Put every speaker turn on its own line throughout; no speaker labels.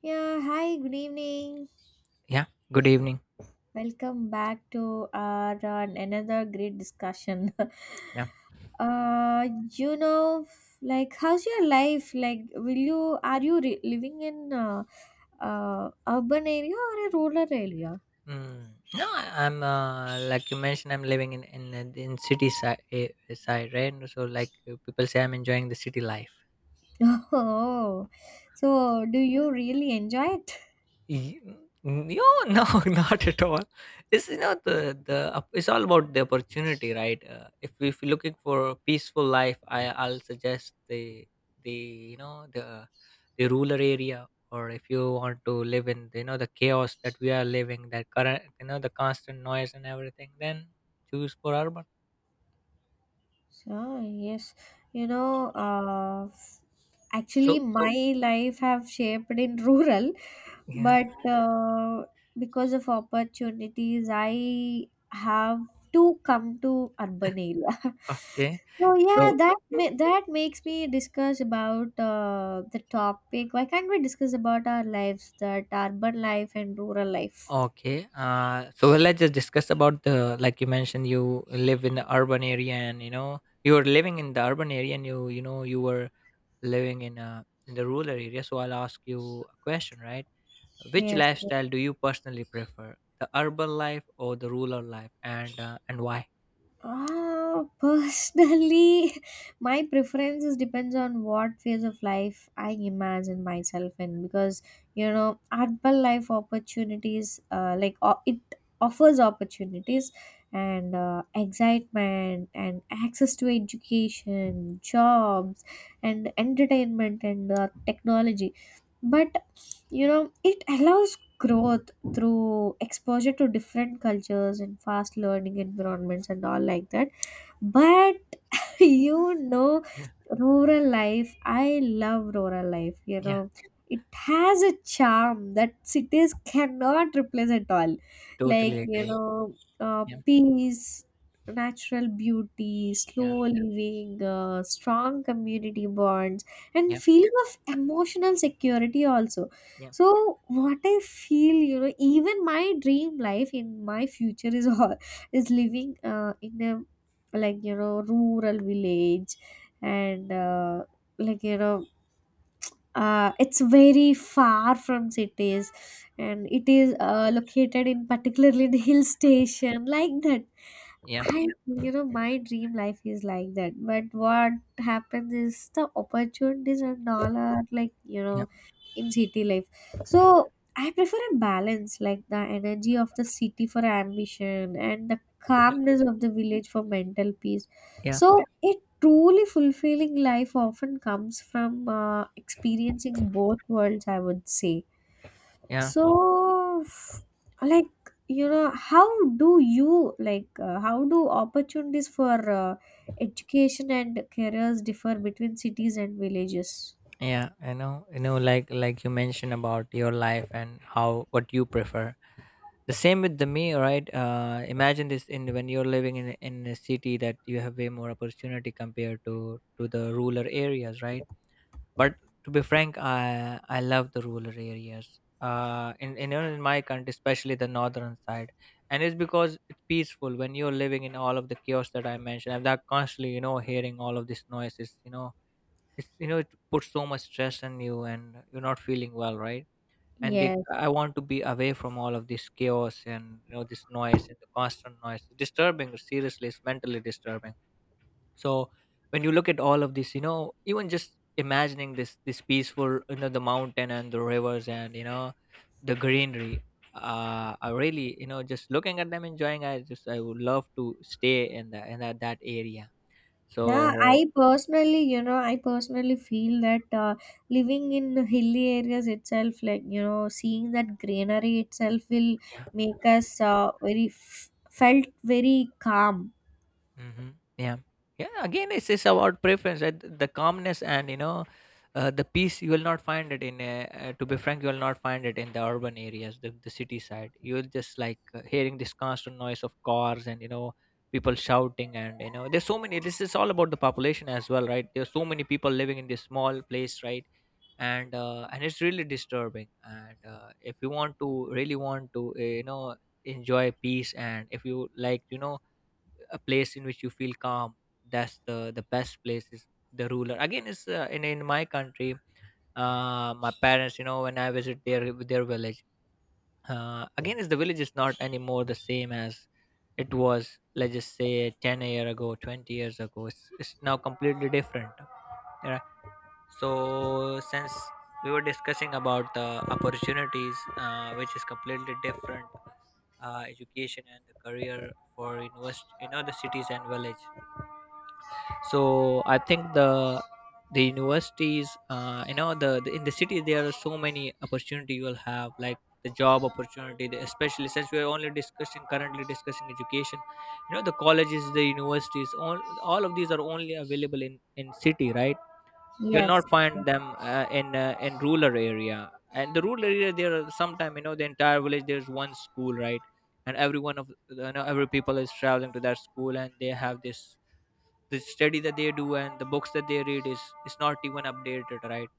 Yeah, hi, good evening.
Yeah, good evening.
Welcome back to our another great discussion.
Yeah.
uh, you know, like, how's your life? Like, will you are you re- living in urban area or a rural area?
Mm. No, I'm like you mentioned, I'm living in city side, side right? So like people say, I'm enjoying the city life.
Oh, so do you really enjoy it?
Y- n- No, no, not at all. It's it's all about the opportunity, right? If you're looking for a peaceful life, I'll suggest the you know the the rural area, or if you want to live in the chaos that we are living, that current the constant noise and everything, then choose for urban.
So yes, you know, uh, actually
So
my life have shaped in rural,
yeah,
but because of opportunities I have to come to urban area.
okay,
So yeah,
so.
that makes me discuss about the topic, why can't we discuss about our lives, that urban life and rural life.
Okay. So let's just discuss about the, like you mentioned, you live in the urban area and you know you were living in the urban area and you were living in the rural area. So I'll ask you a question, right? Which
Yes.
lifestyle do you personally prefer, the urban life or the rural life, and why?
Personally, my preferences depends on what phase of life I imagine myself in, because you know, urban life opportunities, like o it offers opportunities and excitement and access to education, jobs, and entertainment and technology. But you know, it allows growth through exposure to different cultures and fast learning environments and all like that. But you know,
Yeah.
rural life, I love rural life. You
Yeah.
know, it has a charm that cities cannot replace at all. Like
Totally
you
agree.
know,
Yeah.
peace, natural beauty,
Yeah.
slow living, strong community bonds, and
Yeah.
feeling of emotional security also.
Yeah.
So what I feel, you know, even my dream life in my future is all is living in a, like you know, rural village, and like you know it's very far from cities, and it is located in particularly in hill station like that.
Yeah.
I, you know, my dream life is like that. But what happens is the opportunities and all are, like, you
Yeah.
know, in city life. So I prefer a balance, like the energy of the city for ambition and the
Yeah.
calmness of the village for mental peace.
Yeah.
So a truly fulfilling life often comes from experiencing both worlds, I would say.
Yeah.
So, f- like, you know, how do you, like, how do opportunities for education and careers differ between cities and villages?
Yeah I know, you know, like you mentioned about your life and how, what you prefer, the same with the me, right? Imagine this: in when you're living in in a city, that you have way more opportunity compared to the rural areas, right? But to be frank, I love the rural areas in my country, especially the northern side. And it's because it's peaceful. When you're living in all of the chaos that I mentioned, I'm that constantly, you know, hearing all of these noises, it's it puts so much stress on you and you're not feeling well, right? And
Yes.
I want to be away from all of this chaos and, you know, this noise and the constant noise. It's disturbing, seriously, it's mentally disturbing. So when you look at all of this, you know, even just imagining this peaceful, you know, the mountain and the rivers and, you know, the greenery, I really, you know, just looking at them, enjoying. I would love to stay in the that area.
Yeah,
So
I personally, you know, I personally feel that living in hilly areas itself, like, you know, seeing that greenery itself will
yeah.
make us very, felt very calm.
Mhm. Yeah. Yeah. Again, it's about preference, right? The calmness and, you know, the peace, you will not find it in, to be frank, you will not find it in the urban areas, the city side. You'll just like hearing this constant noise of cars and, you know, people shouting and, you know, there's so many. This is all about the population as well, right? There's so many people living in this small place, right? And and it's really disturbing. And if you want to really want to, you know, enjoy peace, and if you like, you know, a place in which you feel calm, that's the best place is the ruler, again, is in my country. My parents, you know, when I visit their village, again, is the village is not anymore the same as it was, let's just say, 10 years year ago, 20 years ago. It's now completely different. Yeah. So since we were discussing about the opportunities, which is completely different, education and the career, for university, you know, the cities and village. So I think the universities, you know, the in the city, there are so many opportunity, you will have like the job opportunity, especially since we are only discussing, currently discussing, education, you know, the colleges, the universities, all of these are only available in city, right? You'll
Yes.
not find them in rural area. And the rural area, there are sometime, you know, the entire village, there's one school, right? And every one of, you know, every people is traveling to that school, and they have this, the study that they do and the books that they read, is not even updated, right?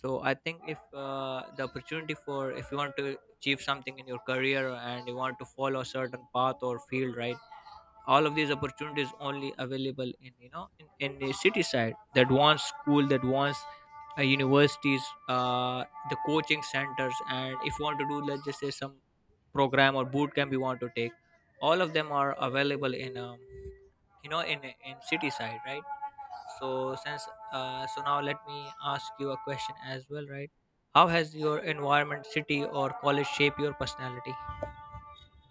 So I think if, the opportunity, for if you want to achieve something in your career and you want to follow a certain path or field, right, all of these opportunities only available in, you know, in the city side. That wants school, that wants universities, uh, the coaching centers. And if you want to do, let's just say, some program or boot camp you want to take, all of them are available in you know, in city side, right? So since, now let me ask you a question as well, right? How has your environment, city, or college shaped your personality?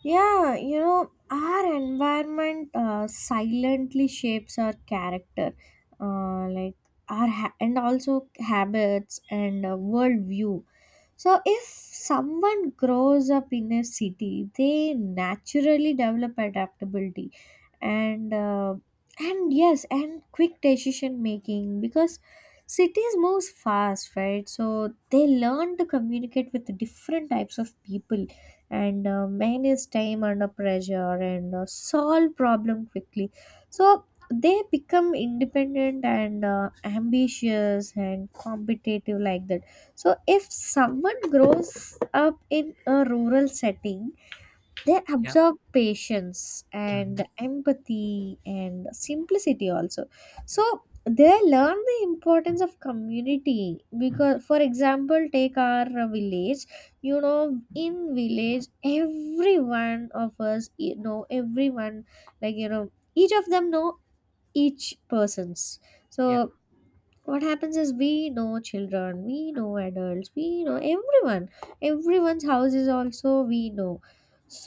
Yeah, you know, our environment silently shapes our character, uh, like and also habits and worldview. So, if someone grows up in a city, they naturally develop adaptability and uh, and yes, and quick decision making, because cities move fast, right? So they learn to communicate with different types of people and manage time under pressure and solve problem quickly. So they become independent and ambitious and competitive like that. So if someone grows up in a rural setting, they
Yeah.
absorb patience
Mm-hmm.
and empathy and simplicity also.
Yeah.
So they learn the importance of community, because, for example, take our village. You know, in village, every one of us, you know, everyone, like, you know, each of them know each persons.
Yeah.
So what happens is, we know children, we know adults, we know everyone. Everyone's house is also we know.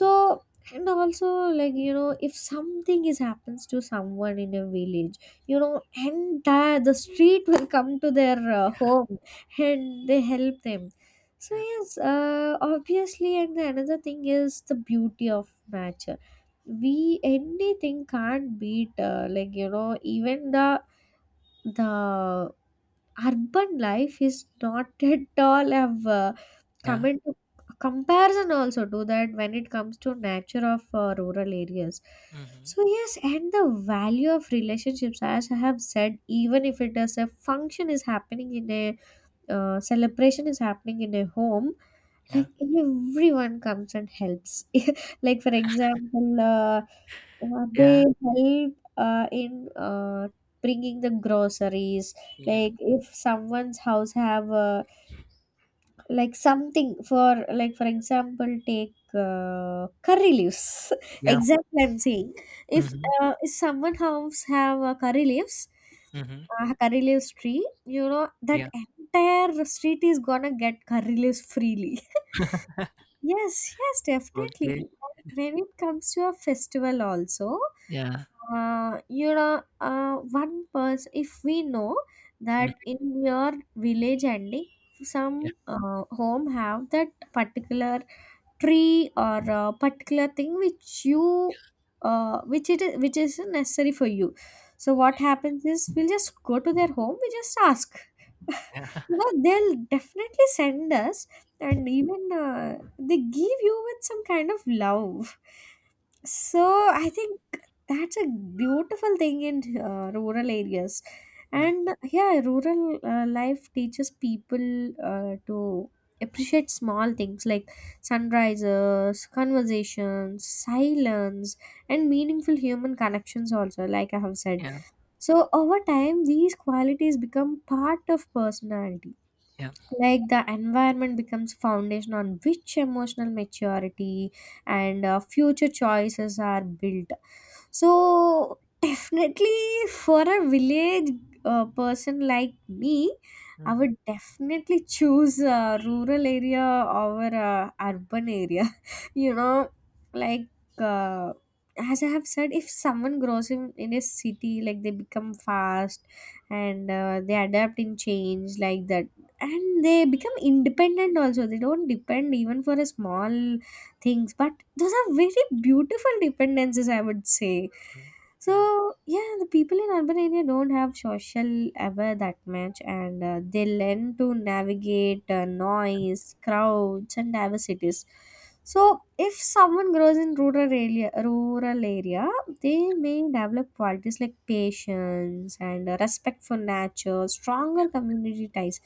Mm.
and also, like you know, if something is happens to someone in a village, you know, entire the street will come to their home, and they help them. So
Yeah.
yes, obviously, and the another thing is the beauty of nature. We anything can't beat like you know, even the urban life is not at all have come
Yeah.
into comparison also to that when it comes to nature of rural areas.
Mm-hmm.
So yes, and the value of relationships, as I have said, even if it is a function is happening in a celebration is happening in a home,
Yeah.
like everyone comes and helps. Like for example,
Yeah.
they help in bringing the groceries.
Yeah.
Like if someone's house have like something for, like for example, take curry leaves.
Yeah.
Exactly, I'm saying, if
Mm-hmm.
if someone house have curry leaves,
Mm-hmm.
curry leaves tree, you know, that
Yeah.
entire street is gonna get curry leaves freely. Yes, yes, definitely.
Okay.
When it comes to a festival also,
Yeah.
one person, if we know that
Mm.
in your village ending,
Yeah.
some home have that particular tree or particular thing which you, which is necessary for you. So what happens is, we'll just go to their home, we just ask.
Yeah.
You know, they'll definitely send us, and even they give you with some kind of love. So I think that's a beautiful thing in rural areas.
Yeah.
And yeah, rural life teaches people to appreciate small things like sunrises, conversations, silence, and meaningful human connections also, like I have said.
Yeah.
So over time these qualities become part of personality.
Yeah.
Like the environment becomes foundation on which emotional maturity and future choices are built. So definitely, for a village person like me, I
Mm-hmm.
would definitely choose a rural area over a urban area. You know, like, uh, as I have said, if someone grows in a city, like they become fast and they adapt in change like that, and they become independent also. They don't depend even for a small things, but those are very beautiful dependencies, I would say.
Yeah.
So yeah, the people in urban area don't have social ever that much, and they learn to navigate noise, crowds, and diversities. So if someone grows in rural area, they may develop qualities like patience and respect for nature, stronger community ties.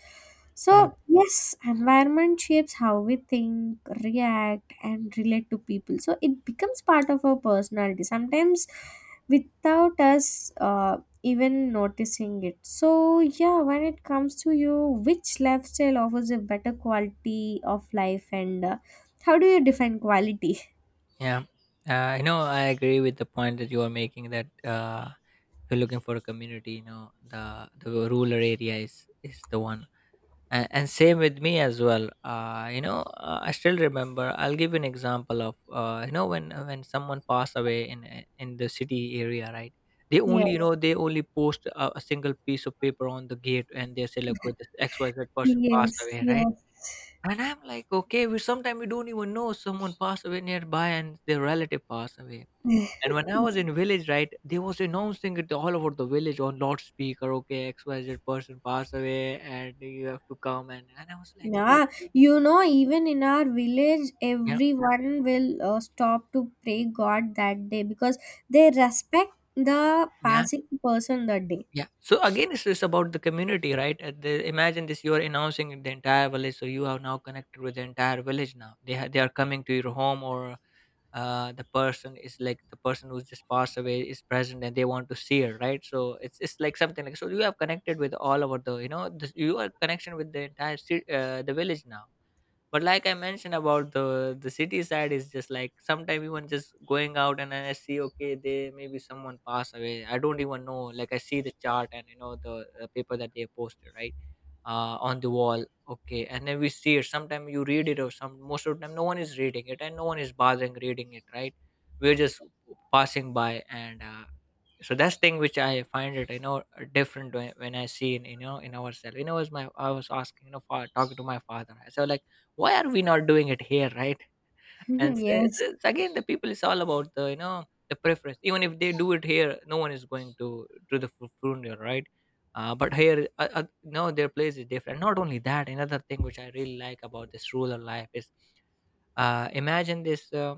Yeah.
So yes, environment shapes how we think, react, and relate to people. So it becomes part of our personality sometimes without us even noticing it. So yeah, when it comes to you, which lifestyle offers a better quality of life, and how do you define quality?
Yeah. You know, I agree with the point that you are making, that if you're looking for a community, you know, the rural area is the one. And same with me as well. You know, I still remember, I'll give you an example of, you know, when, someone passed away in the city area, right, they only, you
Yes,
know, they only post a single piece of paper on the gate, and they say, look, with this XYZ person passed
yes,
away, right?
yes.
And I'm like, okay, we sometimes, we don't even know someone passed away nearby and their relative passed away. And when I was in village, right, they was announcing it all over the village on loudspeaker. Okay, XYZ person passed away, and you have to come. And I was like, oh
Yeah, you know, even in our village,
yeah,
everyone will stop to pray God that day because they respect the
yeah,
passing person that day.
yeah. So again, it's just about the community, right? Imagine this: you are announcing in the entire village, so you are now connected with the entire village. Now they are coming to your home. Or the person is like, the person who's just passed away is present and they want to see her, right? So it's like something, like, so you have connected with all over the, you know, you are connection with the entire the village now. But like I mentioned about the city side, is just like sometimes even just going out and then I see, okay, they maybe someone passed away, I don't even know, like I see the chart and, you know, the paper that they posted, right, on the wall, okay. And then we see it, sometimes you read it, or some, most of the time no one is reading it and no one is bothering reading it, right? We're just passing by. And so that's thing which I find it, you know, different, when I see in, you know, in ourselves. You know, was my, I was asking, you know, for talking to my father, I said like, why are we not doing it here, right? And so
Yes,
it's again, the people, it's all about the, you know, the preference. Even if they do it here, no one is going to the funeral, right? But here, no, their place is different. Not only that, another thing which I really like about this rural life is, imagine this,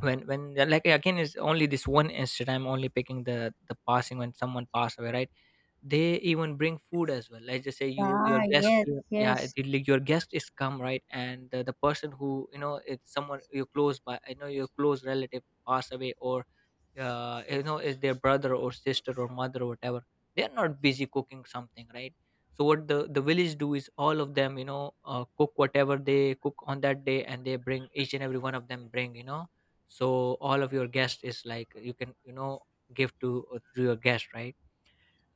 when, like, again, is only this one incident I'm only picking, the passing, when someone passed away, right, they even bring food as well. Let's just say you, your
ah,
guest,
yes,
yeah, yeah,
yes,
like your guest is come, right, and the person who, you know, it's someone you close by, I know your close relative pass away or you know, is their brother or sister or mother or whatever, they're not busy cooking something, right? So what the village do is, all of them, you know, cook whatever they cook on that day and they bring, each and every one of them bring, you know. So all of your guest is, like, you can, you know, give to your guest, right?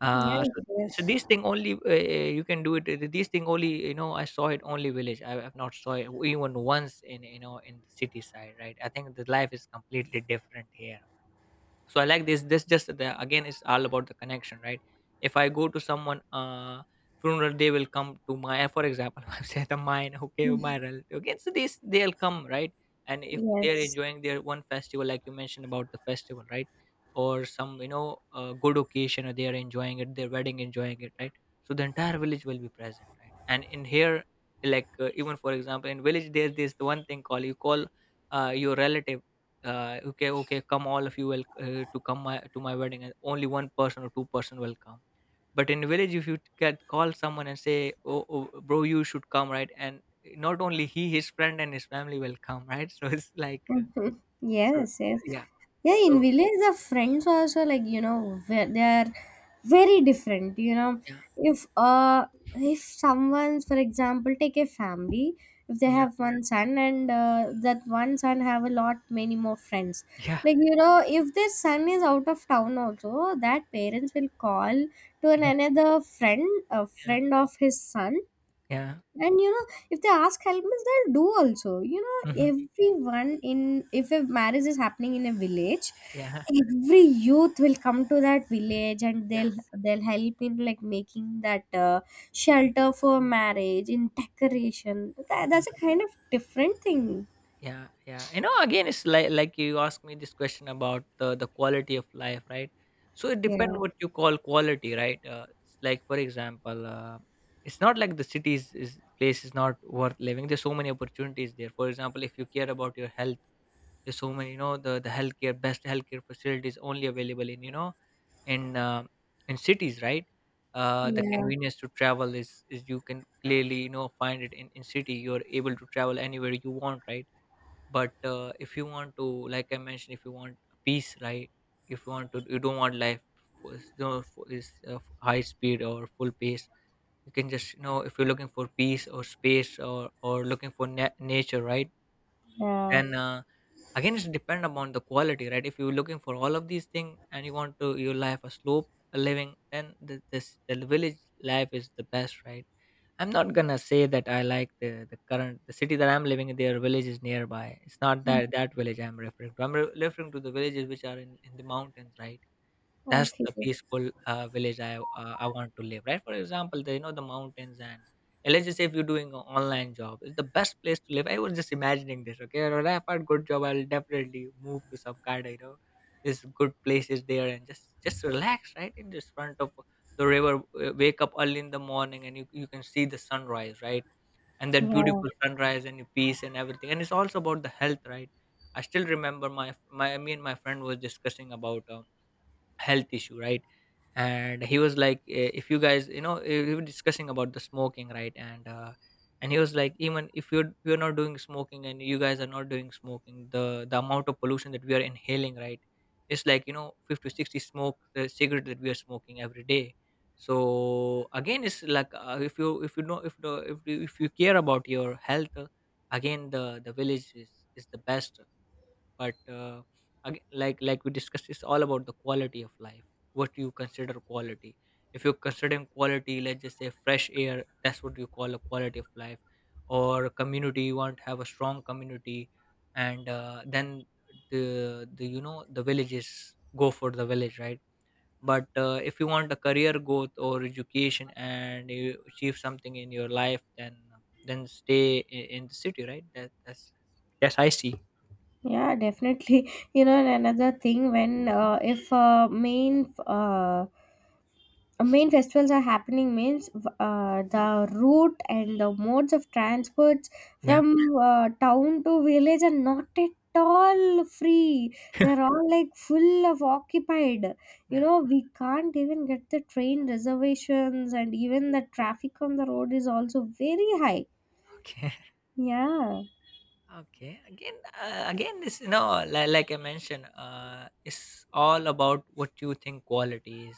yes,
So so this
yes,
thing only, you can do it. This thing only, you know, I saw it only village. I have not saw it even once in, you know, in the city side. Right. I think the life is completely different here. So I like this just the, Again, it's all about the connection, right? If I go to someone funeral, they will come to my, for example, I say the mine, okay, my relative, okay, so this, they'll come, right? And if they're
yes.
enjoying their one festival, like you mentioned about the festival, right, or some good occasion, or they're enjoying it, their wedding, enjoying it, right? So the entire village will be present, right? And in here, like, even for example, in village there's this one thing called, you call your relative, okay, okay, come, all of you will to come my, to my wedding, and only one person or two-person will come. But in village, if you can call someone and say, oh, oh bro, you should come, right? And not only he, his friend and his family will come, right. So it's like
Mhm.
so
Yes, yes.
yeah,
Yeah, in
so
village the friends also, like you know, they are very different. You know,
yeah,
if if someone's, for example, take a family, if they
yeah,
have one son and that one son have a lot many more friends.
yeah,
Like you know, if their son is out of town also, that parents will call to an
yeah,
another friend, a
yeah,
friend of his son,
yeah,
and you know, if they ask help means they'll do also. You know,
hmm,
everyone in, if a marriage is happening in a village,
yeah,
every youth will come to that village and
yeah,
they'll help in like making that shelter for marriage in decoration, that, that's a kind of different thing.
yeah, yeah, you know, again it's like, you asked me this question about the quality of life, right? So it depends
Yeah,
what you call quality, right. It's like for example, it's not like the cities is place is not worth living, there's so many opportunities there. For example, if you care about your health, there's so many, you know, the healthcare, best healthcare facilities only available in, you know, in uh, in cities, right. The
yeah,
convenience to travel is you can clearly, you know, find it in city, you're able to travel anywhere you want, right? But if you want to, like I mentioned, if you want peace, right? If you want to, you don't want life for, is- no, for is f- high speed or full pace, you can just, you know, if you're looking for peace or space, or looking for na- nature, right?
yeah.
Then again, it's depend upon the quality, right? If you're looking for all of these things and you want to, your life a slope, a living, then the, this, the village life is the best, right. I'm not gonna say that I like the current, the city that I'm living in, their village is nearby. It's not
Hmm.
that, that village I'm referring to. I'm re- referring to the villages which are in the mountains, right? That's
Okay.
the peaceful village I want to live, right? For example, the, you know, the mountains, and let's just say if you're doing an online job, it's the best place to live. I was just imagining this, okay? When I find good job, I'll definitely move to some kind of, you know, this good places there and just relax, right? In just front of the river, wake up early in the morning and you can see the sunrise, right? And that
Yeah,
beautiful sunrise and your peace and everything. And it's also about the health, right? I still remember my, me and my friend was discussing about. Health issue, right? And he was like, "Eh, if you guys, you know, eh, we were discussing about the smoking, right? And and he was like, even if you're not doing smoking, and you guys are not doing smoking, the amount of pollution that we are inhaling, right? It's like, you know, 50, 60 smoke the cigarette that we are smoking every day. So again, it's like if you, if you know, if the, if you care about your health, again, the village is the best. But ag- like we discussed, it's all about the quality of life, what you consider quality. If you're considering quality, let's just say fresh air, that's what you call a quality of life, or community, you want to have a strong community, and then the, the villages, go for the village, right? But if you want a career growth or education and you achieve something in your life, then stay in the city, right? That's I see,
yeah, definitely. You know, and another thing, when if main main festivals are happening means, the route and the modes of transports
yeah.
from town to village are not at all free. They're all like full of occupied. You
Yeah.
know, we can't even get the train reservations, and even the traffic on the road is also very high.
Okay.
Yeah.
Okay. Again, again, this, you know, like I mentioned, it's all about what you think quality is,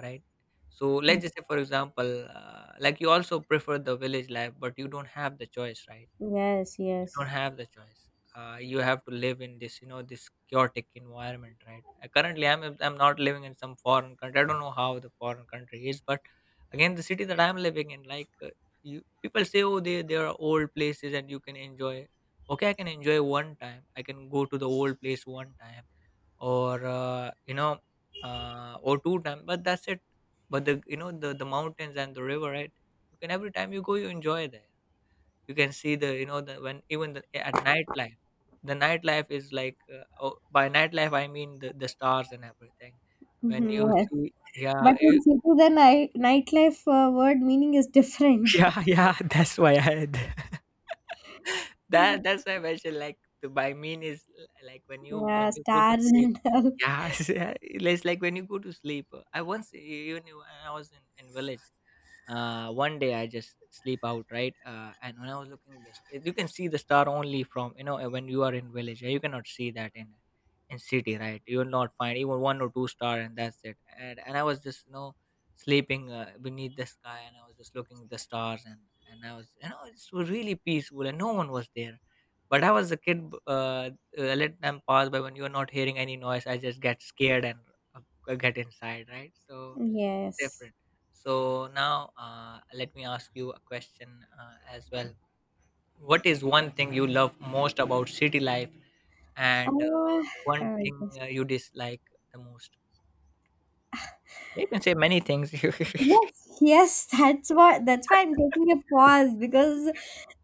right? So let's just say, for example, like you also prefer the village life, but you don't have the choice, right?
Yes,
Don't
yes.
have the choice. You have to live in this, you know, this chaotic environment, right? Currently, I'm not living in some foreign country. I don't know how the foreign country is, but again, the city that I'm living in, like you, people say, oh, they are old places and you can enjoy. Okay, I can enjoy one time. I can go to the old place one time, or you know, or two times. But that's it. But the, you know, the mountains and the river, right? You can, every time you go, you enjoy there. You can see the, you know, the, when even the, at nightlife, the nightlife is like oh, by nightlife I mean the stars and everything. When you
Yes.
see,
But
yeah,
in
you-
city, the night, nightlife word meaning is different.
yeah, yeah, that's why I, that, that's why I mentioned, like the by mean is l- like when you,
Yeah,
when you go to
stars
sleep,
and all.
yeah. It's like when you go to sleep. I once, even when I was in village, one day I just sleep out, right? And when I was looking this, eh, you can see the star only from, you know, when you are in village. Uh, you cannot see that in city, right? You will not find even one or two star, and that's it. And I was just, you know, sleeping beneath the sky, and I was just looking at the stars, and I was, you know, it was really peaceful, and no one was there. But I was a kid. B- let them pass by when you are not hearing any noise, I just get scared and get inside, right? So
Yes.
different. So now, let me ask you a question as well. What is one thing you love most about city life, and
Uh,
one thing
yes.
you dislike the most? You can say many things.
Yes, yes, that's what, that's why I'm taking a pause, because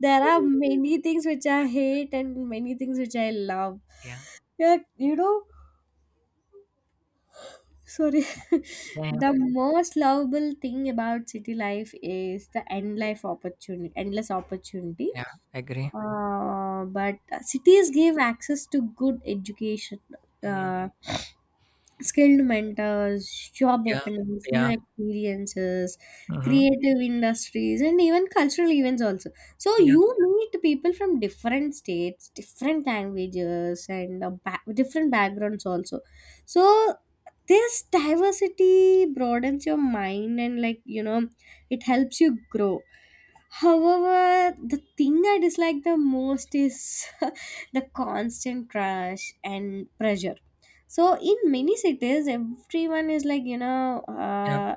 there are many things which I hate and many things which I love.
Yeah,
Yeah, you know, sorry.
yeah,
The most lovable thing about city life is the end life opportunity, endless opportunity.
yeah. I agree.
But cities give access to good education.
Mm,
Uh, Skilled mentors, job
yeah,
openings, new
yeah.
experiences,
Mm-hmm.
creative industries, and even cultural events also. So
Yeah,
you meet people from different states, different languages, and different backgrounds also. So this diversity broadens your mind and, like you know, it helps you grow. However, the thing I dislike the most is the constant rush and pressure. So in many cities, everyone is, like you know,
yeah,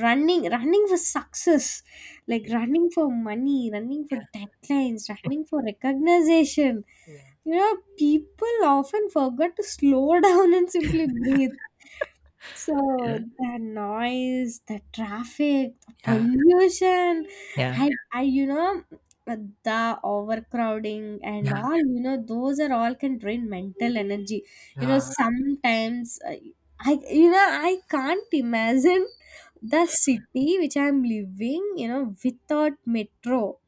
running, running for success, like
yeah,
running for money, running for
yeah,
deadlines, running for recognition.
yeah,
You know, people often forget to slow down and simply breathe. So the noise, the traffic, the
yeah, yeah,
pollution,
yeah,
you know, the overcrowding and
yeah,
all, you know, those are all can drain mental energy. You know,
yeah,
sometimes I, you know, I can't imagine the city which I'm living, you know, without metro.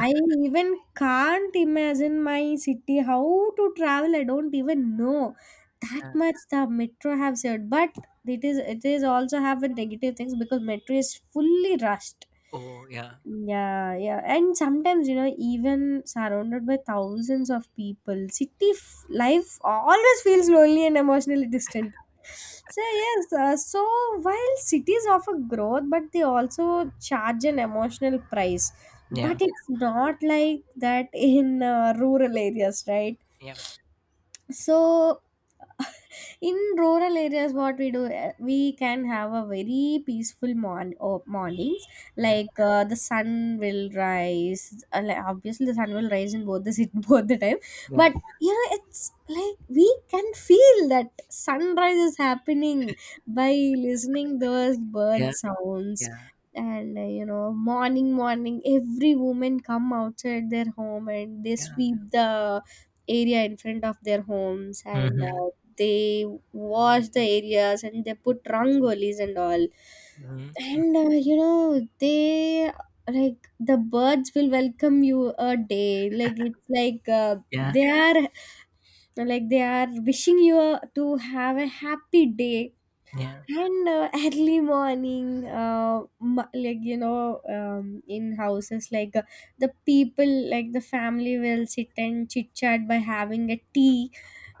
I even can't imagine my city how to travel. I don't even know that
yeah.
much the metro have said, but it is, it is also have a negative things because metro is fully rushed.
Oh, yeah,
Yeah, yeah. And sometimes, you know, even surrounded by thousands of people, city life always feels lonely and emotionally distant. So yes, so while cities offer growth, but they also charge an emotional price. But
yeah,
it's not like that in rural areas, right?
yeah,
So, in rural areas, what we do, eh, we can have a very peaceful or mornings.
yeah,
Like the sun will rise. Obviously, the sun will rise in both the both the time. But
yeah,
you know, it's like we can feel that sunrise is happening by listening those bird
yeah,
sounds.
yeah,
And you know, morning, every woman come outside their home and they
yeah.
sweep the area in front of their homes, and
Mhm,
they wash the areas and they put rangolis and all.
mhm, mm,
And you know, they, like the birds will welcome you a day, like it's like
yeah,
they are, like they are wishing you to have a happy day.
yeah,
And early morning like you know, in houses, like the people, like the family will sit and chit chat by having a tea,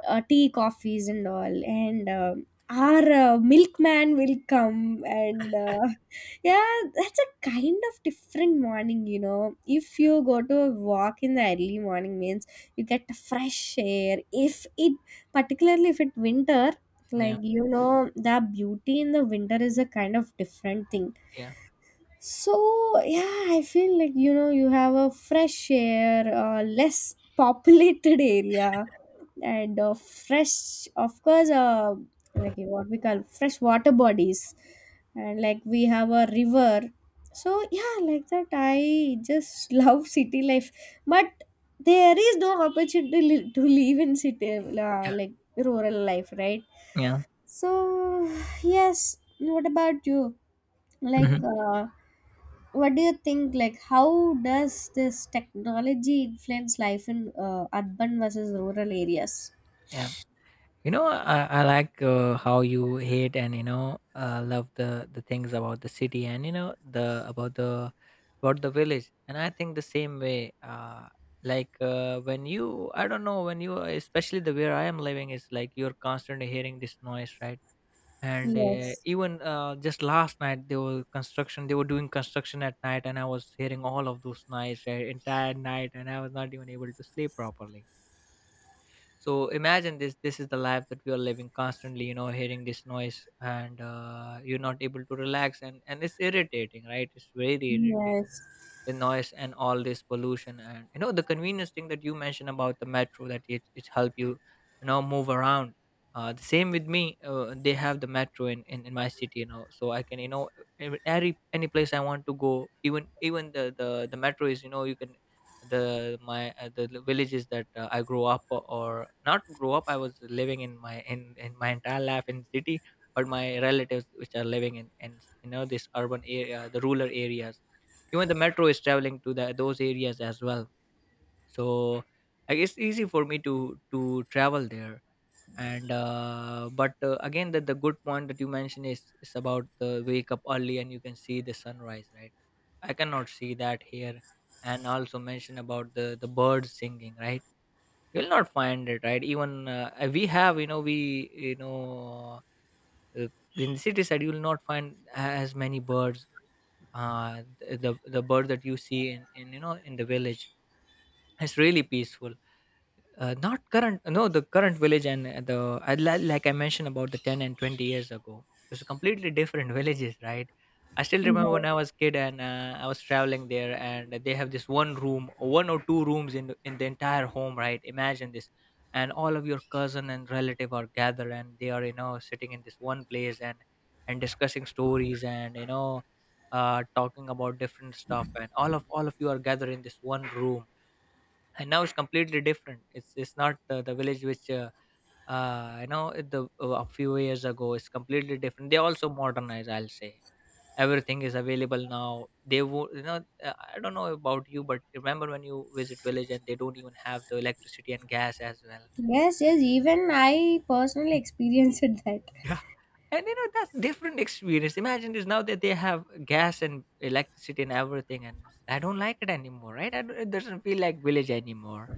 tea, coffees and all. And our milkman will come and yeah, that's a kind of different morning. You know, if you go to a walk in the early morning means you get fresh air, if it, particularly if it winter, like
yeah,
you know, the beauty in the winter is a kind of different thing.
yeah,
So yeah, I feel like, you know, you have a fresh air, less populated area, and fresh, of course, like what we call fresh water bodies, and like we have a river. So yeah, like that, I just love city life, but there is no opportunity to to live in city,
yeah,
like rural life, right?
yeah,
So yes, what about you? Like.
mhm,
What do you think, like how does this technology influence life in urban versus rural areas?
yeah. You know, I like, how you hate and you know love the things about the city and you know the about the about the village, and I think the same way. Like when you, I don't know, when you, especially the where I am living is like you're constantly hearing this noise, right? And
Yes,
even just last night, they were construction, they were doing construction at night, and I was hearing all of those noise entire night, and I was not even able to sleep properly. So imagine this, this is the life that we are living, constantly, you know, hearing this noise, and you're not able to relax, and it's irritating, right? It's very irritating,
yes,
the noise and all this pollution. And you know the convenience thing that you mentioned about the metro, that it help you, you know, move around. Uh, the same with me. Uh, they have the metro in my city, you know, so I can, you know, ev- any place I want to go, even even the metro is, you know, you can, the my, the l- villages that I grew up o- or not grow up, I was living in my entire life in city, but my relatives which are living in, you know, this urban area, the rural areas, even the metro is traveling to the, those areas as well. So I guess easy for me to travel there. And but again the good point that you mentioned is about the wake up early and you can see the sunrise, right? I cannot see that here. And also mention about the birds singing, right? You'll not find it, right, even we have, you know, we, you know, uh, in the city side you'll not find as many birds. Uh, th- the bird that you see in, you know, in the village, it's really peaceful. Uh, not current. No, the current village and the I li- like I mentioned about the 10 and 20 years ago, it was completely different villages, right? I still remember when
yes.
I was kid and I was traveling there, and they have this one room, 1 or 2 rooms in the entire home, right? Imagine this, and all of your cousin and relative are gathered, and they are sitting in this one place and discussing stories and you know Talking about different stuff, and all of you are gathered in this one room. And now it's completely different. It's not the village which you know the a few years ago. It's completely different. They also modernize, I'll say. Everything is available now. They would, I don't know about you, but remember when you visit village and they don't even have the electricity and gas as well?
Yes, yes, even I personally experienced that.
Yeah. And you know that's different experience. Imagine this now that they have gas and electricity and everything. And I don't like it anymore, right? I don't, it doesn't feel like village anymore.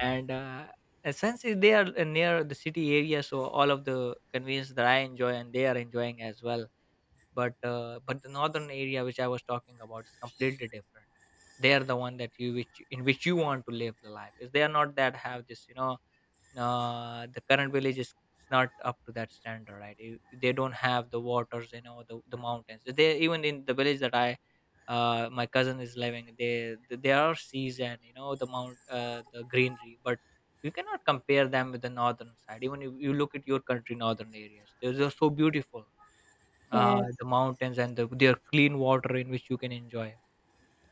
And Since they are near the city area, so all of the convenience that I enjoy and they are enjoying as well. But the northern area which I was talking about is completely different. They are the one that you, which in which you want to live the life, if they are not that have this, the current village is not up to that standard, right? They don't have the waters, you know, the mountains. They, even in the village that I, my cousin is living, they there are seas, and you know the mount the greenery, but you cannot compare them with the northern side. Even if you look at your country northern areas, they're just so beautiful.
Yes,
The mountains and their clean water in which you can enjoy.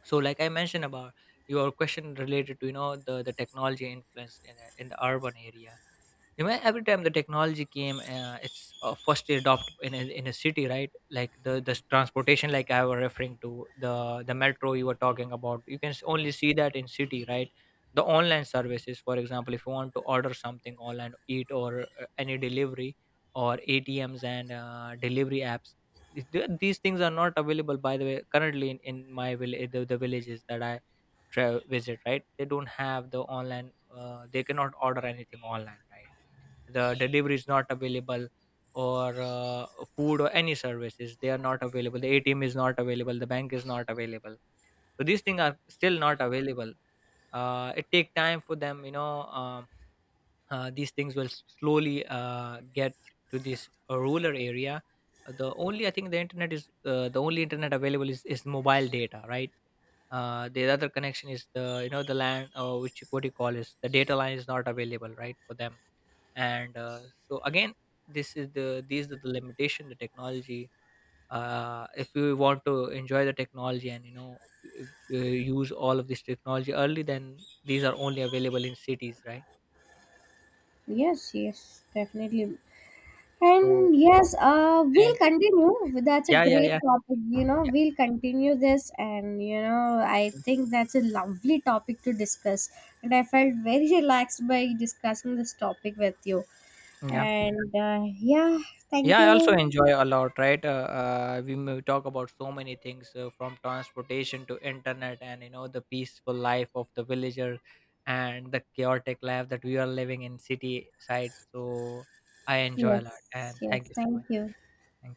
So like I mentioned about your question related to, you know, the technology influence in the urban area. You know every time the technology came, it's first adopted in in a city, right? Like the transportation like I was referring to, the the metro you were talking about, you can only see that in city, right? The online services, for example, if you want to order something online, eat or any delivery, or atms and delivery apps, these things are not available, by the way, currently in my village, the villages that I visit, right? They don't have the online, they cannot order anything online, right? The delivery is not available, or food or any services, they are not available. The atm is not available, the bank is not available. So these things are still not available. It take time for them, these things will slowly get to this rural area. The only, I think, the internet is, the only internet available is mobile data, right? The other connection is the, you know, the land, or which what you call is the data line, is not available, right, for them. And So again, this is the these are the limitation, the technology. If we want to enjoy the technology and, you know, use all of this technology early, then these are only available in cities, right?
yes, yes, definitely.
So.
And yes,
And.
we'll continue. That's a
yeah yeah
great
yeah
topic. You know,
Yeah.
we'll continue this, and you know, I think that's a lovely topic to discuss. And I felt very relaxed by discussing this topic with you.
Yeah,
And yeah, thank
Yeah, I
you.
also enjoy a lot, right? We may talk about so many things, from transportation to internet, and you know the peaceful life of the villager, and the chaotic life that we are living in city side. So I enjoy a lot,
Yes,
and thank
yes,
you so
thank
much.
you.
Thank